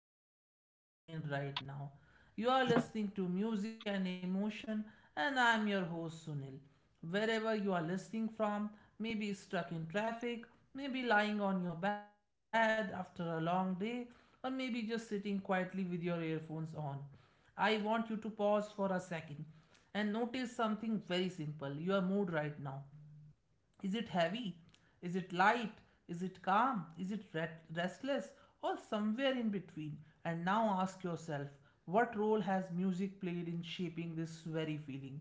to everyone tuning in right now. You are listening to Music and Emotion, and I'm your host Sunil. Wherever you are listening from, maybe stuck in traffic, maybe lying on your bed after a long day, or maybe just sitting quietly with your earphones on, I want you to pause for a second and notice something very simple, your mood right now. Is it heavy? Is it light? Is it calm? Is it restless? Or somewhere in between? And now ask yourself, what role has music played in shaping this very feeling?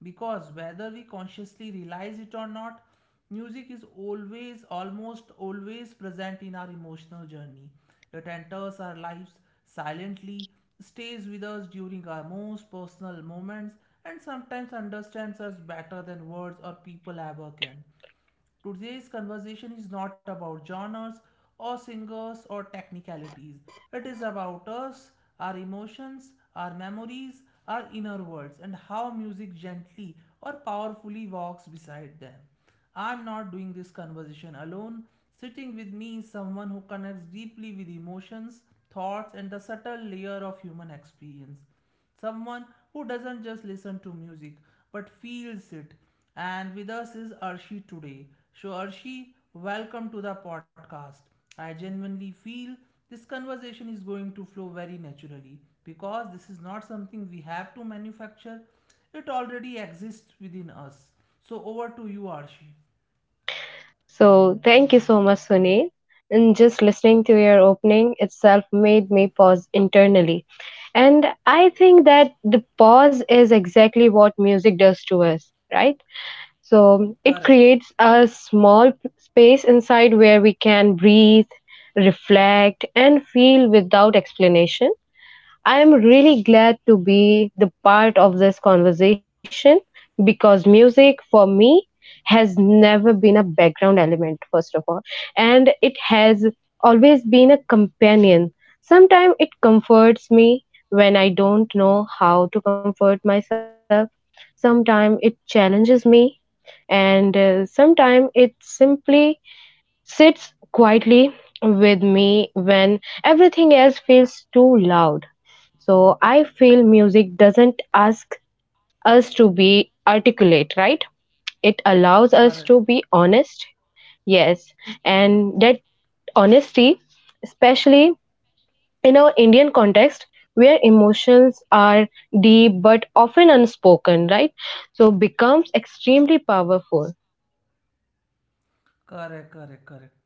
Because whether we consciously realize it or not, music is always, almost always present in our emotional journey. It enters our lives silently, stays with us during our most personal moments, and sometimes understands us better than words or people ever can. Today's conversation is not about genres or singers or technicalities. It is about us, our emotions, our memories, our inner worlds, and how music gently or powerfully walks beside them. I'm not doing this conversation alone. Sitting with me is someone who connects deeply with emotions, thoughts, and the subtle layer of human experience. Someone who doesn't just listen to music but feels it. And with us is Arshi today. So, Arshi, welcome to the podcast. I genuinely feel this conversation is going to flow very naturally because this is not something we have to manufacture, it already exists within us. So, over to you, Arshi. So thank you so much, Sunil. And just listening to your opening itself made me pause internally. And I think that the pause is exactly what music does to us, right? So it Correct, creates a small space inside where we can breathe, reflect, and feel without explanation. I am really glad to be the part of this conversation because music for me has never been a background element, first of all, and it has always been a companion. Sometimes it comforts me when I don't know how to comfort myself, sometimes it challenges me, and sometimes it simply sits quietly with me when everything else feels too loud. So I feel music doesn't ask us to be articulate, right? It allows us to correct, be honest, yes. And that honesty, especially in our Indian context, where emotions are deep but often unspoken, right? So becomes extremely powerful. correct.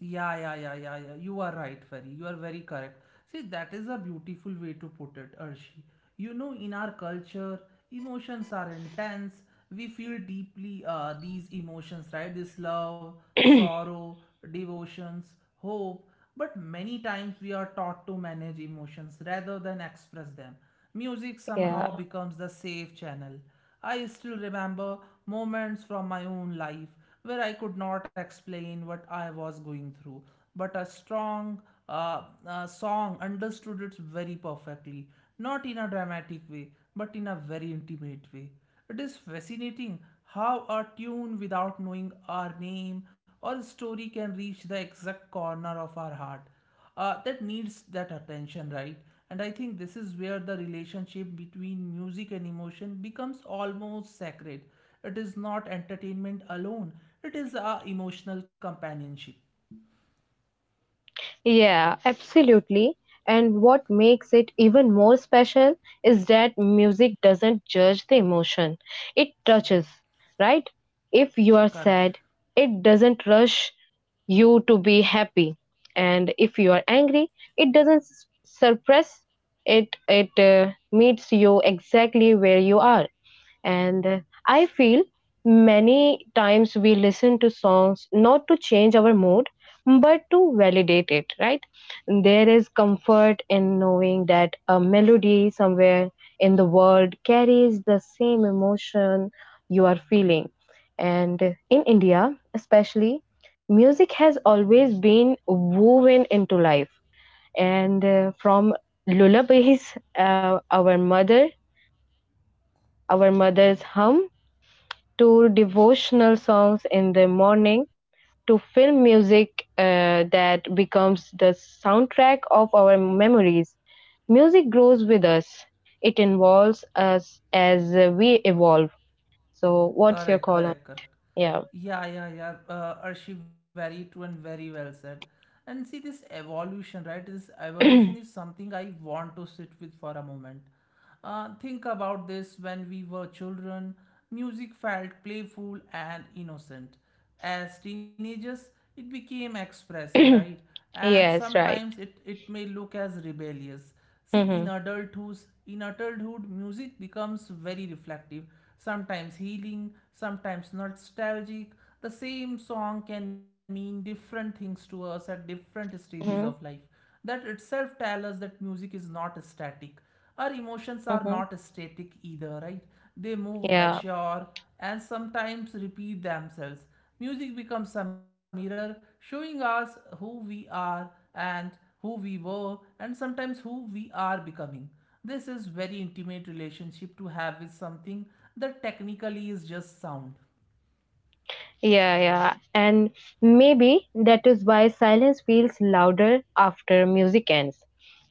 Yeah, yeah, yeah, yeah, yeah. You are right, Fari. You are very correct. See, that is a beautiful way to put it, Arshi. You know, in our culture, emotions are intense. We feel deeply these emotions, right? This love, Yeah. sorrow, devotions, hope. But many times we are taught to manage emotions rather than express them. Music somehow Yeah. becomes the safe channel. I still remember moments from my own life where I could not explain what I was going through, but a strong song understood it very perfectly, not in a dramatic way, but in a very intimate way. It is fascinating how a tune without knowing our name or story can reach the exact corner of our heart that needs that attention, right? And I think this is where the relationship between music and emotion becomes almost sacred. It is not entertainment alone, it is our emotional companionship. Yeah, absolutely. And what makes it even more special is that music doesn't judge the emotion, it touches, right? If you are Correct. sad, it doesn't rush you to be happy. And if you are angry, it doesn't suppress it, it meets you exactly where you are. And I feel many times we listen to songs not to change our mood, but to validate it, right? There is comfort in knowing that a melody somewhere in the world carries the same emotion you are feeling. And in India, especially, music has always been woven into life. And from lullabies, our mother's hum to devotional songs in the morning to film music that becomes the soundtrack of our memories. Music grows with us, it involves us as we evolve. So, what's your Correct, call on? correct, correct. Yeah. Yeah, yeah, yeah. Arshi, very true and very well said. And see, this evolution, right? This evolution is something I want to sit with for a moment. Think about this, when we were children, music felt playful and innocent. As teenagers, it became expressive, right? And Yes, right. sometimes it may look as rebellious. See, in Mm-hmm. adulthood, in adulthood, music becomes very reflective, sometimes healing, sometimes nostalgic. The same song can mean different things to us at different stages of life. Mm-hmm. That itself tells us that music is not static. Our emotions are Mm-hmm. not static either, right? They move, Yeah. mature, and sometimes repeat themselves. Music becomes a mirror showing us who we are and who we were, and sometimes who we are becoming. This is very intimate relationship to have with something that technically is just sound. Yeah, yeah. And maybe that is why silence feels louder after music ends.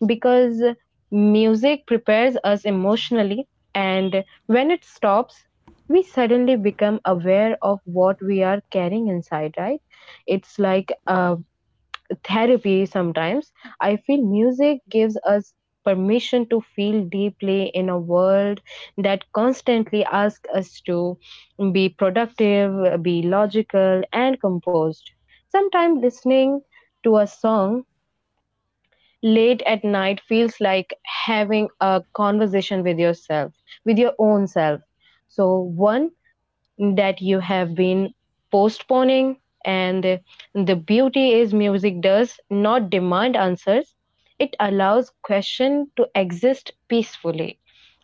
Because music prepares us emotionally, and when it stops, we suddenly become aware of what we are carrying inside, right? It's like a therapy sometimes. I feel music gives us permission to feel deeply in a world that constantly asks us to be productive, be logical, and composed. Sometimes listening to a song late at night feels like having a conversation with yourself, with your own self. So, one that you have been postponing. And the beauty is, music does not demand answers, it allows question to exist peacefully.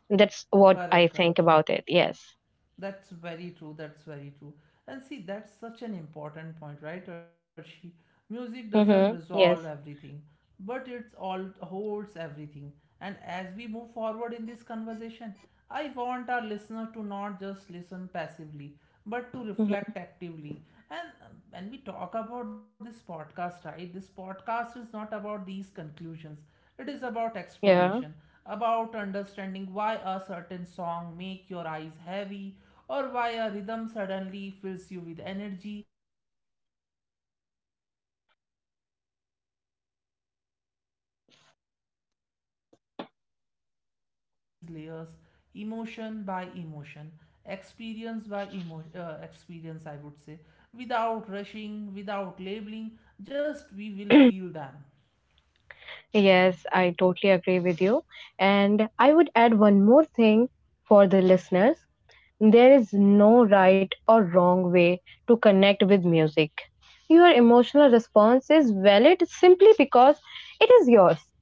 That's what Correct, I correct. think about it. Yes. That's very true. That's very true. And see, that's such an important point, right, Arshi? Music doesn't Mm-hmm. resolve Yes. everything, but it's all holds everything. And as we move forward in this conversation, I want our listener to not just listen passively, but to Mhm. reflect actively. And when we talk about this podcast, right, this podcast is not about these conclusions. It is about Yeah. exploration, about understanding why a certain song make your eyes heavy, or why a rhythm suddenly fills you with energy, or why a familiar tune feels like home. In this single setting, in the long flowing conversation, we'll slowly unwrap these layers, emotion by emotion, experience, I would say, without rushing, without labeling, just we will feel them. Yes, I totally agree with you. And I would add one more thing for the listeners. There is no right or wrong way to connect with music. Your emotional response is valid simply because it is yours.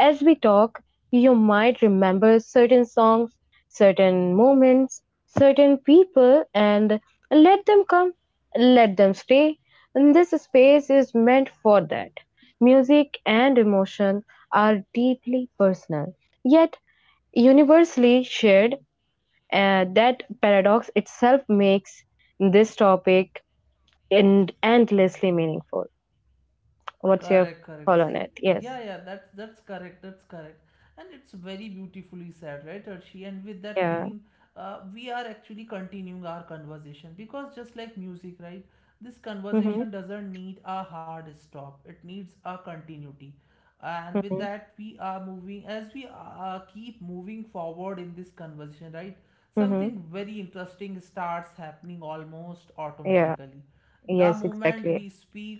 As we talk, you might remember certain songs, certain moments, certain people, and let them come, let them stay. And this space is meant for that. Music and emotion are deeply personal, yet universally shared that paradox itself makes this topic and endlessly meaningful. What's your Correct, correct. call on See, it? yeah, Yes. yeah, that's correct, that's correct, and it's very beautifully said, right, Arshi? And with that Yeah. feeling, we are actually continuing our conversation because just like music, right, this Mm-hmm. conversation doesn't need a hard stop; it needs a continuity. And with Mm-hmm. that, we are moving as we keep moving forward in this conversation, right? Mm-hmm. Something very interesting starts happening almost Yeah. automatically. The Yes, moment exactly. we speak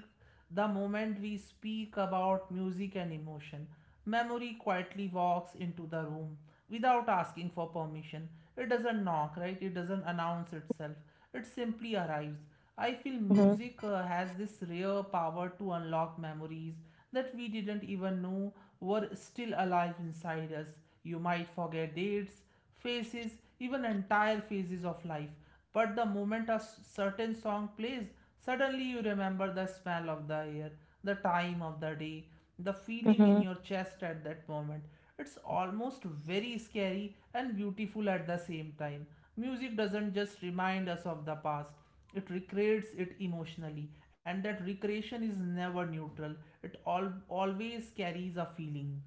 the moment we speak about music and emotion, memory quietly walks into the room without asking for permission. It doesn't knock, right? It doesn't announce itself. It simply arrives. I feel Mm-hmm. music has this rare power to unlock memories that we didn't even know were still alive inside us. You might forget dates, phases, even entire phases of life. But the moment a certain song plays, suddenly you remember the smell of the air, the time of the day, the feeling Mm-hmm. in your chest at that moment. It's almost very scary and beautiful at the same time. Music doesn't just remind us of the past, it recreates it emotionally, and that recreation is never neutral, always carries a feeling.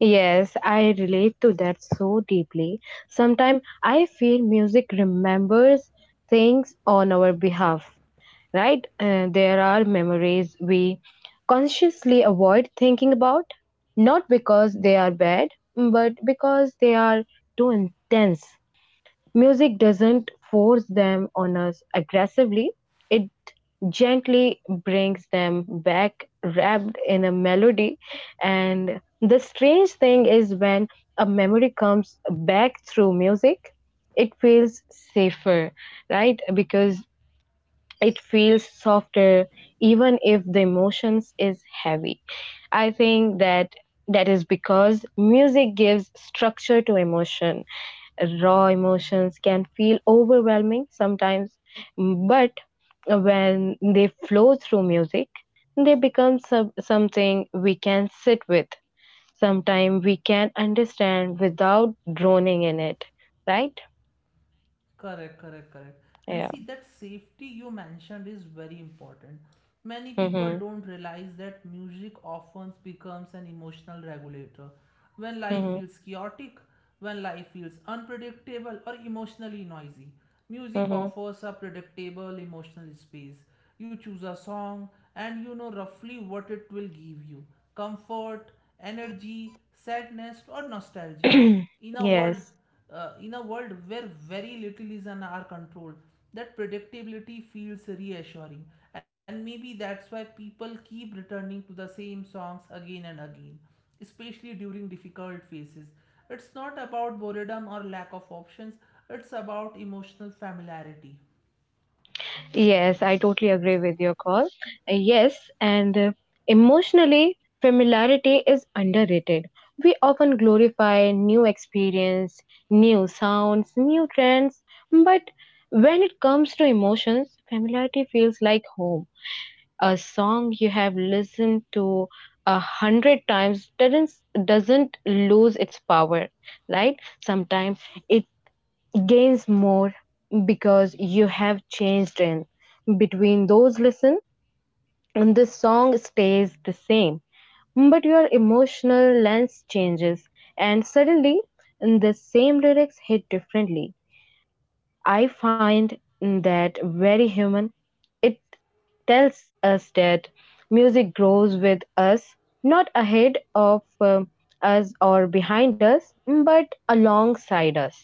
Yes, I relate to that so deeply. Sometimes I feel music remembers things on our behalf, right? There are memories we consciously avoid thinking about, not because they are bad, but because they are too intense. Music doesn't force them on us aggressively, it gently brings them back, wrapped in a melody. And the strange thing is when a memory comes back through music, it feels safer, right? Because it feels softer even if the emotions is heavy. I think that is because music gives structure to emotion. Raw emotions can feel overwhelming sometimes, but when they flow through music they become something we can sit with. Sometimes we can understand without droning in it, right? Correct, correct, correct. And Yeah. see, that safety you mentioned is very important. Many people Mhm. don't realize that music often becomes an emotional regulator. When life Mhm. feels chaotic, when life feels unpredictable or emotionally noisy, music offers a predictable emotional space. You choose a song and you know roughly what it will give you, comfort, energy, sadness, or nostalgia. Mhm. In a world Yes. In a world where very little is in our control, that predictability feels reassuring, and maybe that's why people keep returning to the same songs again and again, especially during difficult phases. It's not about boredom or lack of options, it's about emotional familiarity. Yes, I totally agree with your call. Yes, and emotionally, familiarity is underrated. We often glorify new experience, new sounds, new trends, but when it comes to emotions, familiarity feels like home. A song you have listened to 100 times doesn't lose its power, right? Sometimes it gains more because you have changed in between those listen, and the song stays the same but your emotional lens changes, and suddenly the same lyrics hit differently. I find that very human. It tells us that music grows with us, not ahead of um, us or behind us, but alongside us.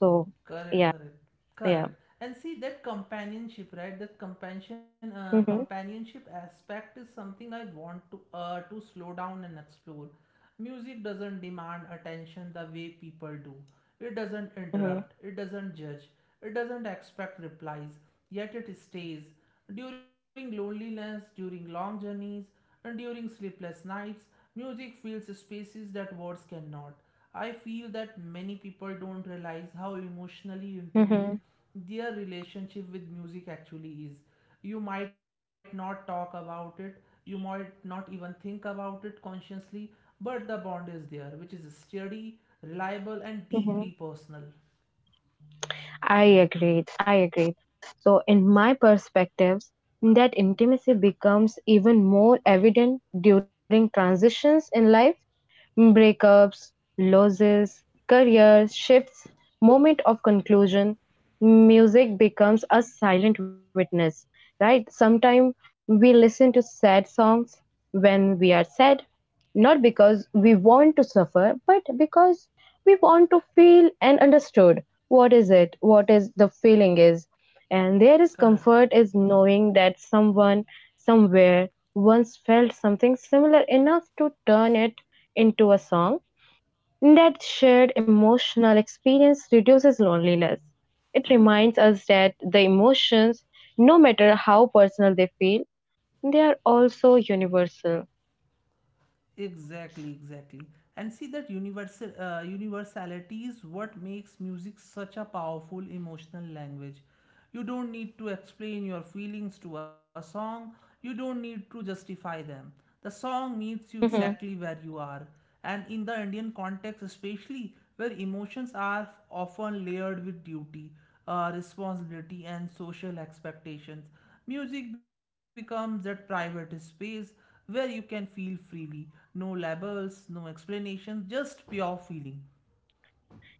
So Correct, yeah. correct, Yeah. correct. And see that companionship, right? That Mhm. companionship aspect is something I want to slow down and explore. Music doesn't demand attention the way people do. It doesn't Mhm, interrupt. It doesn't judge. It doesn't expect replies. Yet it stays. During loneliness, during long journeys, and during sleepless nights, music fills spaces that words cannot. I feel that many people don't realize how emotionally intimate mhm, their relationship with music actually is. You might not talk about it, you might not even think about it consciously, but the bond is there, which is steady, reliable, and deeply mhm. personal. I agreed. I agreed. So, in my perspectives, that intimacy becomes even more evident during transitions in life. Breakups, losses, career shifts, moment of conclusion, music becomes a silent witness, right? Sometimes we listen to sad songs when we are sad, not because we want to suffer, but because we want to feel and understood what is it, what is the feeling is, and there is Correct. comfort is knowing that someone somewhere once felt something similar enough to turn it into a song. That shared emotional experience reduces loneliness. It reminds us that the emotions, no matter how personal they feel, they are also universal. Exactly, exactly. And see that universality is what makes music such a powerful emotional language. You don't need to explain your feelings to a song. You don't need to justify them. The song meets you Mm-hmm. exactly where you are. And in the Indian context, especially where emotions are often layered with duty, responsibility, and social expectations, music becomes that private space where you can feel freely. No labels, no explanations, just pure feeling.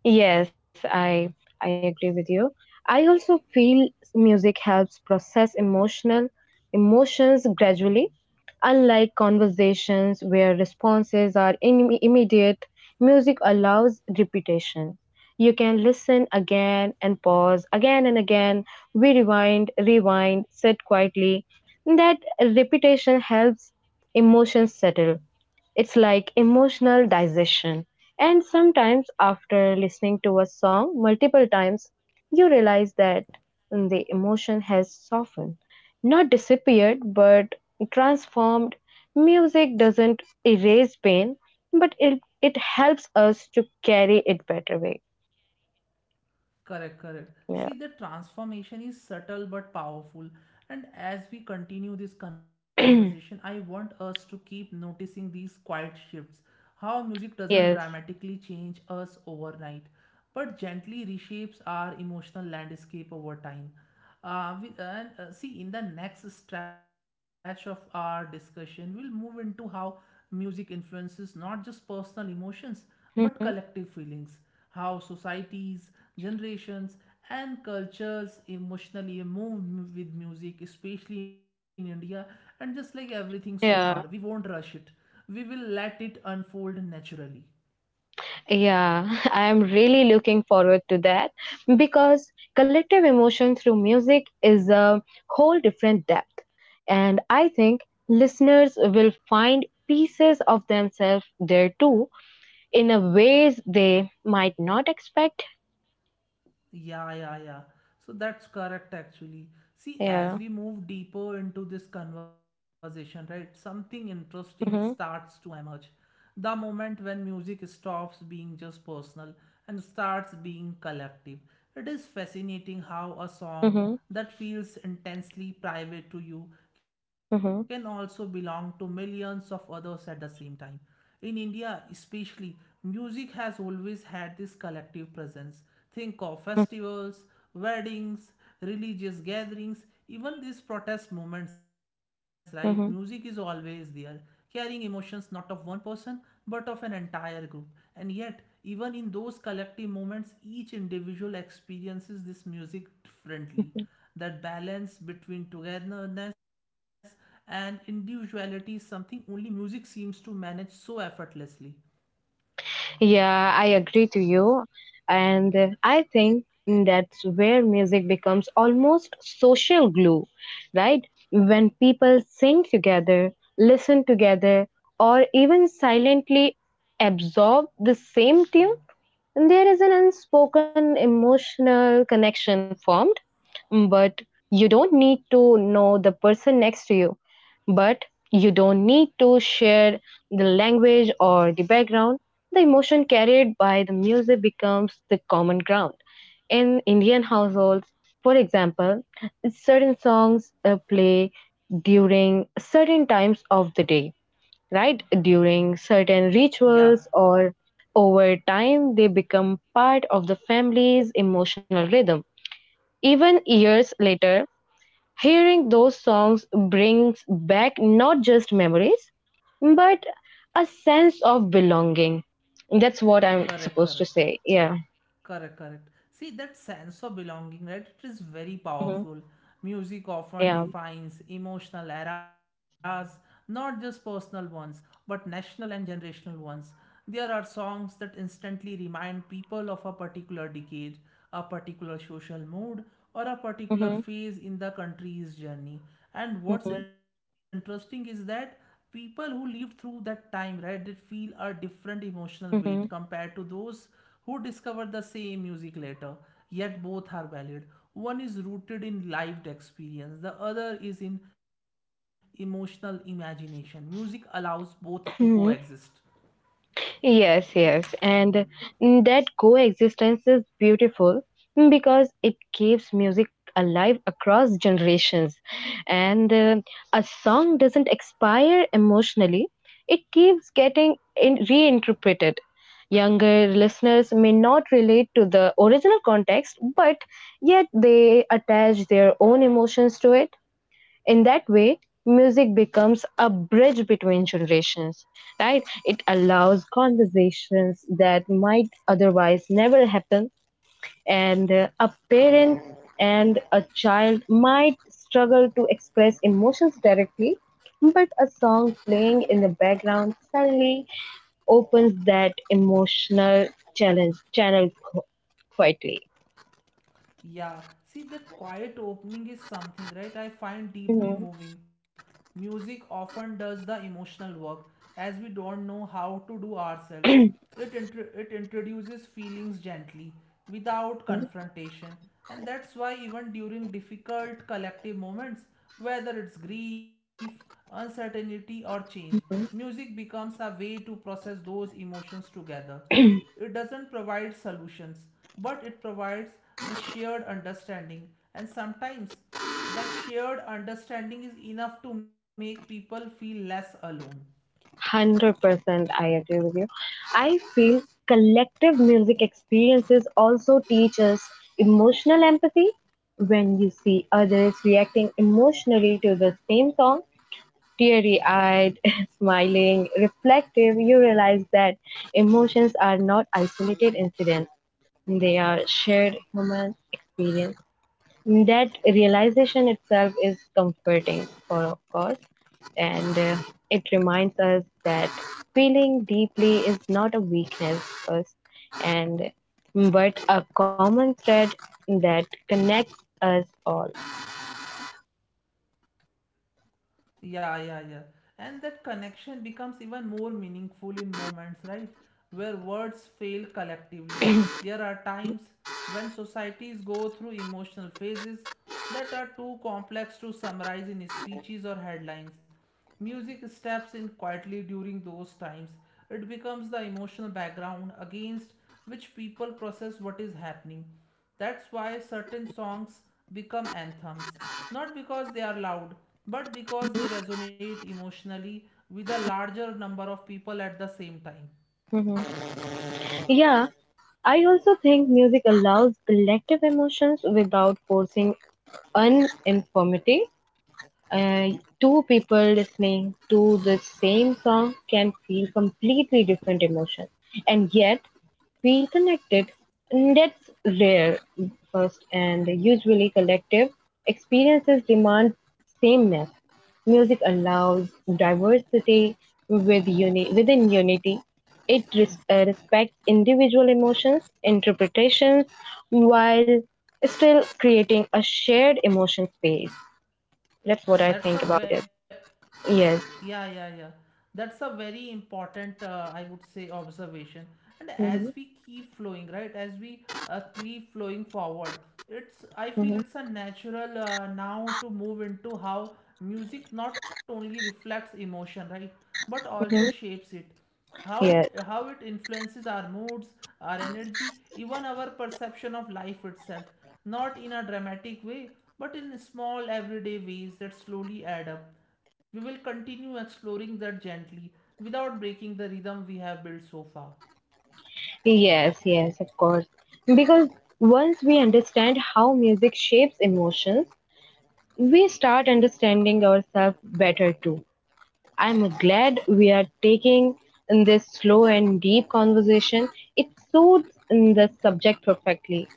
Yes, I agree with you. I also feel music helps process emotional emotions gradually, unlike conversations where responses are immediate. Music allows repetition. You can listen again and pause again and again. We rewind, rewind, sit quietly. That repetition helps emotions settle. It's like emotional digestion. And sometimes, after listening to a song multiple times, you realize that the emotion has softened, not disappeared, but transformed. Music doesn't erase pain, but it helps us to carry it better way. Correct, correct. See, the Yeah. transformation is subtle but powerful. And as we continue this conversation, I want us to keep noticing these quiet shifts. How music doesn't Yes. dramatically change us overnight, but gently reshapes our emotional landscape over time. We, and See, in the next stretch of our discussion, we'll move into how music influences not just personal emotions but Mhm. collective feelings, how societies, generations, and cultures emotionally with music, especially in India. And just like everything so far, we Yeah. won't rush it, we will let it unfold naturally. Yeah, I am really looking forward to that because collective emotion through music is a whole different depth. And I think listeners will find pieces of themselves there too in a ways they might not expect. Yeah, yeah, yeah. So that's correct, actually. See, as Yeah. we move deeper into this conversation, right, something interesting starts Mm-hmm, to emerge. The moment when music stops being just personal and starts being collective. It is fascinating how a song mm-hmm, that feels intensely private to you can also mm-hmm, belong to millions of others at the same time. In India, especially, music has always had this collective presence. Think of mm-hmm. festivals, weddings, religious gatherings, even these protest movements, right? Music is Mm-hmm. always there, carrying emotions not of one person but of an entire group. And yet, even in those collective moments, each individual experiences this music differently. That balance between togetherness and individuality is something only music seems to manage so effortlessly. Yeah, I agree to you. And I think that's where music becomes almost social glue, right? When people sing together, listen together, or even silently absorb the same tune, there is an unspoken emotional connection formed. But you don't need to know the person next to you. But you don't need to share the language or the background. The emotion carried by the music becomes the common ground. In Indian households, for example, certain songs play during certain times of the day, right? During certain Yeah, rituals or over time, they become part of the family's emotional rhythm. Even years later, hearing those songs brings back not just memories, but a sense of belonging. That's what I'm correct, supposed to correct. say. Yeah. Correct, correct. See, that sense of belonging, right? It is very Mhm. powerful. Music often Yeah. defines emotional eras, not just personal ones, but national and generational ones. There are songs that instantly remind people of a particular decade, a particular social mood, or a particular Mhm. phase in the country's journey. And what's interesting is that people who lived through that time, right, did feel a different emotional weight Mhm. compared to those who discovered the same music later. Yet both are valid, one is rooted in lived experience, the other is in emotional imagination. Music allows both to Mhm. coexist. Yes, yes, and that coexistence is beautiful, because it keeps music alive across generations. And a song doesn't expire emotionally, it keeps getting reinterpreted. Younger listeners may not relate to the original context, but yet they attach their own emotions to it. In that way music becomes a bridge between generations, right? It allows conversations that might otherwise never happen. And a parent and a child might struggle to express emotions directly, but a song playing in the background suddenly opens that emotional challenge channel, quietly. Yeah, see that quiet opening is something, right? I find deeply moving. Music often does the emotional work as we don't know how to do ourselves. It introduces feelings gently without Mhm. confrontation, and that's why, even during difficult collective moments, whether it's grief, uncertainty, or change, music becomes a way to process those emotions together. It doesn't provide solutions, but it provides the shared understanding, and sometimes that shared understanding is enough to make people feel less alone. 100% I agree with you. I feel collective music experiences also teach us emotional empathy. When you see others reacting emotionally to the same song, teary eyed, smiling, reflective, you realize that emotions are not isolated incidents, they are shared human experience. That realization itself is comforting, for of course, and it reminds us that feeling deeply is not a weakness, first, and but a common thread that connects us all. Yeah, yeah, yeah. And that connection becomes even more meaningful in moments, right? Where words fail collectively. There are times when societies go through emotional phases that are too complex to summarize in speeches or headlines. Music steps in quietly during those times. It becomes the emotional background against which people process what is happening. That's why certain songs become anthems, not because they are loud, but because they resonate emotionally with a larger number of people at the same time. Mhm. Yeah, I also think music allows collective emotions without forcing uniformity. uh, Two people listening to the same song can feel completely different emotions and yet feel connected. And that's rare first, and usually collective experiences demand sameness. Music allows diversity with within unity. It respects individual emotions, interpretations, while still creating a shared emotion space. That's what I think That's a about it. ve- Yes. Yeah, yeah, yeah. That's a very important, I would say, observation. And as Mm-hmm. we keep flowing, right, as we keep flowing forward, it's, I Mm-hmm. feel it's a natural now to move into how music not only reflects emotion, right, but also Mm-hmm. shapes it, how Yes, it influences our moods, our energy, even our perception of life itself, not in a dramatic way, but in small everyday ways that slowly add up. We will continue exploring that gently without breaking the rhythm we have built so far. yes, yes, of course. Because once we understand how music shapes emotions, we start understanding ourselves better too. I'm glad we are taking in this slow and deep conversation. It suits in the subject perfectly.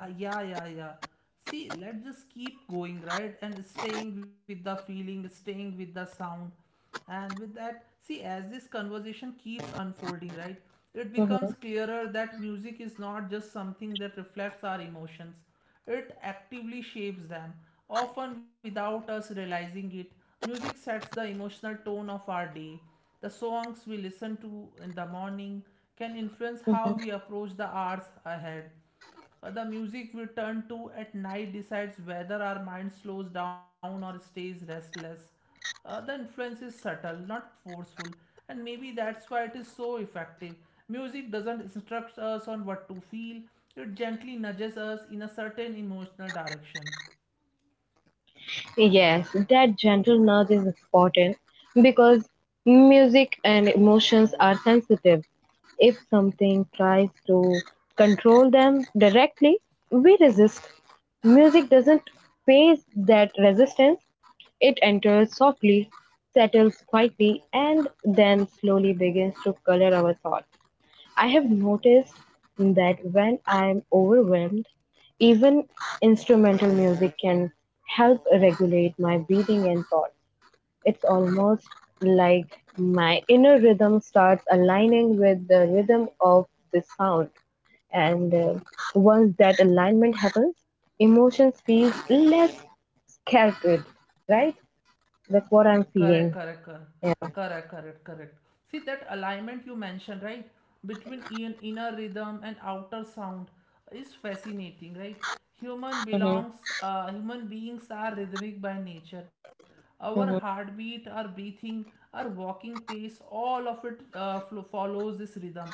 Yeah, yeah, yeah. See, let's just keep going, right? And staying with the feeling, staying with the sound. And with that, see, as this conversation keeps unfolding, right? It becomes Mm-hmm. clearer that music is not just something that reflects our emotions, it actively shapes them, often without us realizing it. Music sets the emotional tone of our day. The songs we listen to in the morning can influence how we approach the hours ahead, the music we turn to at night decides whether our mind slows down or stays restless. The influence is subtle, not forceful, and maybe that's why it is so effective. Music doesn't instruct us on what to feel, it gently nudges us in a certain emotional direction. Yes, that gentle nudge is important because music and emotions are sensitive. If something tries to control them directly, we resist. Music doesn't face that resistance, it enters softly, settles quietly, and then slowly begins to color our thoughts. I have noticed that when I'm overwhelmed, even instrumental music can help regulate my breathing and thoughts. It's almost like my inner rhythm starts aligning with the rhythm of the sound. And once that alignment happens, emotions feel less scattered, right? That's what I'm Correct, correct, feeling. correct, Yeah. correct, correct, correct. See that alignment you mentioned, right, between inner rhythm and outer sound is fascinating, right? Hmm. Human beings are rhythmic by nature. Our Hmm. heartbeat, our breathing, our walking pace, all of it follows this rhythm.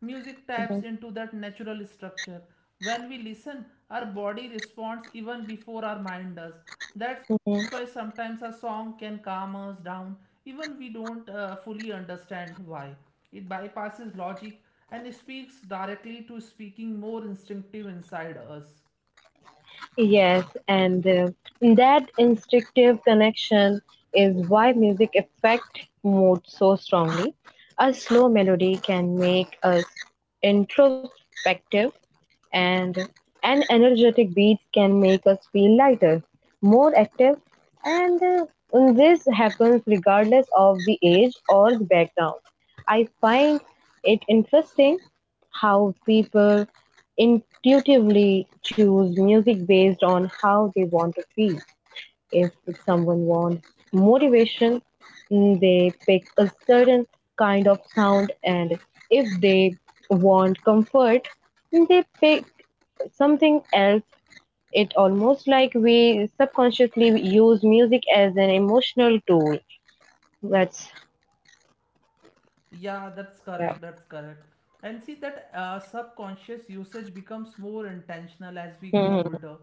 Music taps into that natural structure. When we listen, our body responds even before our mind does. That's why Hmm. sometimes a song can calm us down, even we don't fully understand why. It bypasses logic and speaks directly to speaking more instinctive inside us. Yes, and that instinctive connection is why music affects mood so strongly. A slow melody can make us introspective, and an energetic beat can make us feel lighter, more active, and this happens regardless of the age or the background. I find it interesting how people intuitively choose music based on how they want to feel. If someone wants motivation, they pick a certain kind of sound, and if they want comfort, they pick something else. It almost like we subconsciously use music as an emotional tool. That's Yeah, that's correct. yeah. That's correct. And see that subconscious usage becomes more intentional as we grow Mhm. older.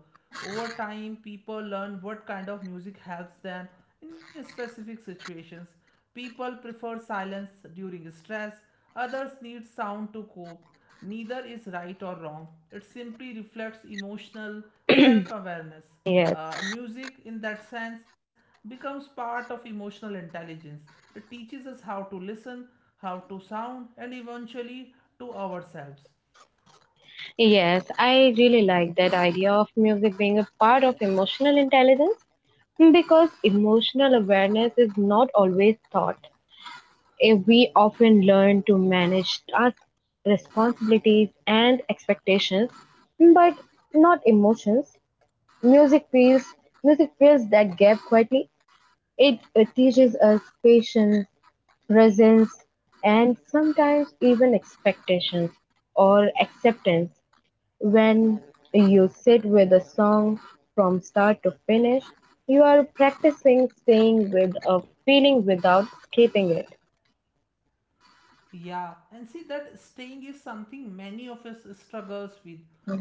Over time, people learn what kind of music helps them in specific situations. People prefer silence during stress, others need sound to cope. Neither is right or wrong, it simply reflects emotional self awareness. Yes, Music in that sense becomes part of emotional intelligence. It teaches us how to listen, how to sound, and eventually to ourselves. yes, I really like that idea of music being a part of emotional intelligence, because emotional awareness is not always taught. If we often learn to manage tasks, responsibilities, and expectations, but not emotions, music feels music fills that gap quietly. It teaches us patience, presence, and sometimes even expectations or acceptance. When you sit with a song from start to finish, you are practicing staying with a feeling without escaping it. Yeah, and see that staying is something many of us struggles with.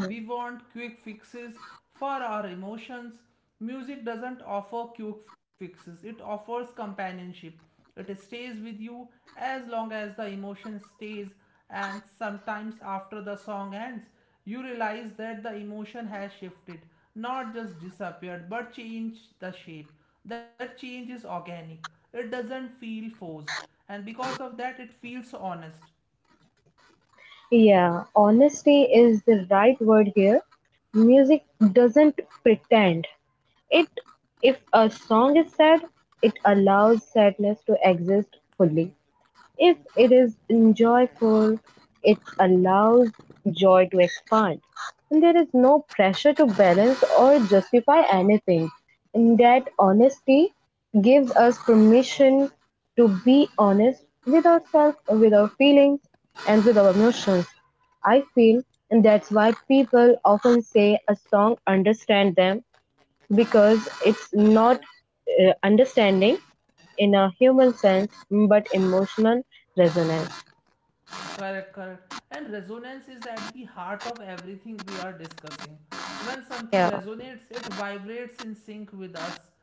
We want quick fixes for our emotions. Music doesn't offer quick fixes, it offers companionship. It stays with you as long as the emotion stays, and sometimes after the song ends, you realize that the emotion has shifted, not just disappeared, but changed the shape. That change is organic, it doesn't feel forced, and because of that, it feels honest. Yeah, honesty is the right word here. Music doesn't pretend. It If a song is sad, it allows sadness to exist fully. If it is enjoyable, it allows joy to expand. And there is no pressure to balance or justify anything. And that honesty gives us permission to be honest with ourselves, with our feelings, and with our emotions. I feel, and that's why people often say a song understand them because it's not understanding in a human sense but emotional resonance. Correct, correct. And resonance is at the heart of everything we are discussing. When something Yeah. resonates, it vibrates in sync with us.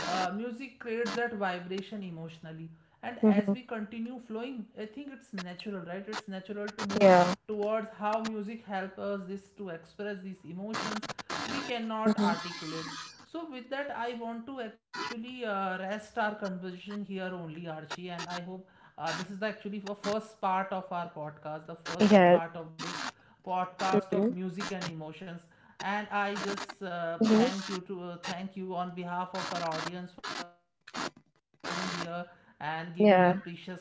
Music creates that vibration emotionally. And Mm-hmm. as we continue flowing, I think it's natural, right? It's natural to Yeah. move towards how music helps us this to express these emotions we cannot Mm-hmm. articulate. So with that I want to actually rest our conversation here only, Archie, and I hope this is actually the first part of our podcast, the first Yeah. part of this podcast Mm-hmm. of music and emotions. And I just Mm-hmm. Thank you on behalf of our audience for coming here and giving your precious time. Yeah, Thank you.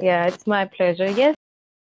yeah, it's my pleasure. Yes, mm,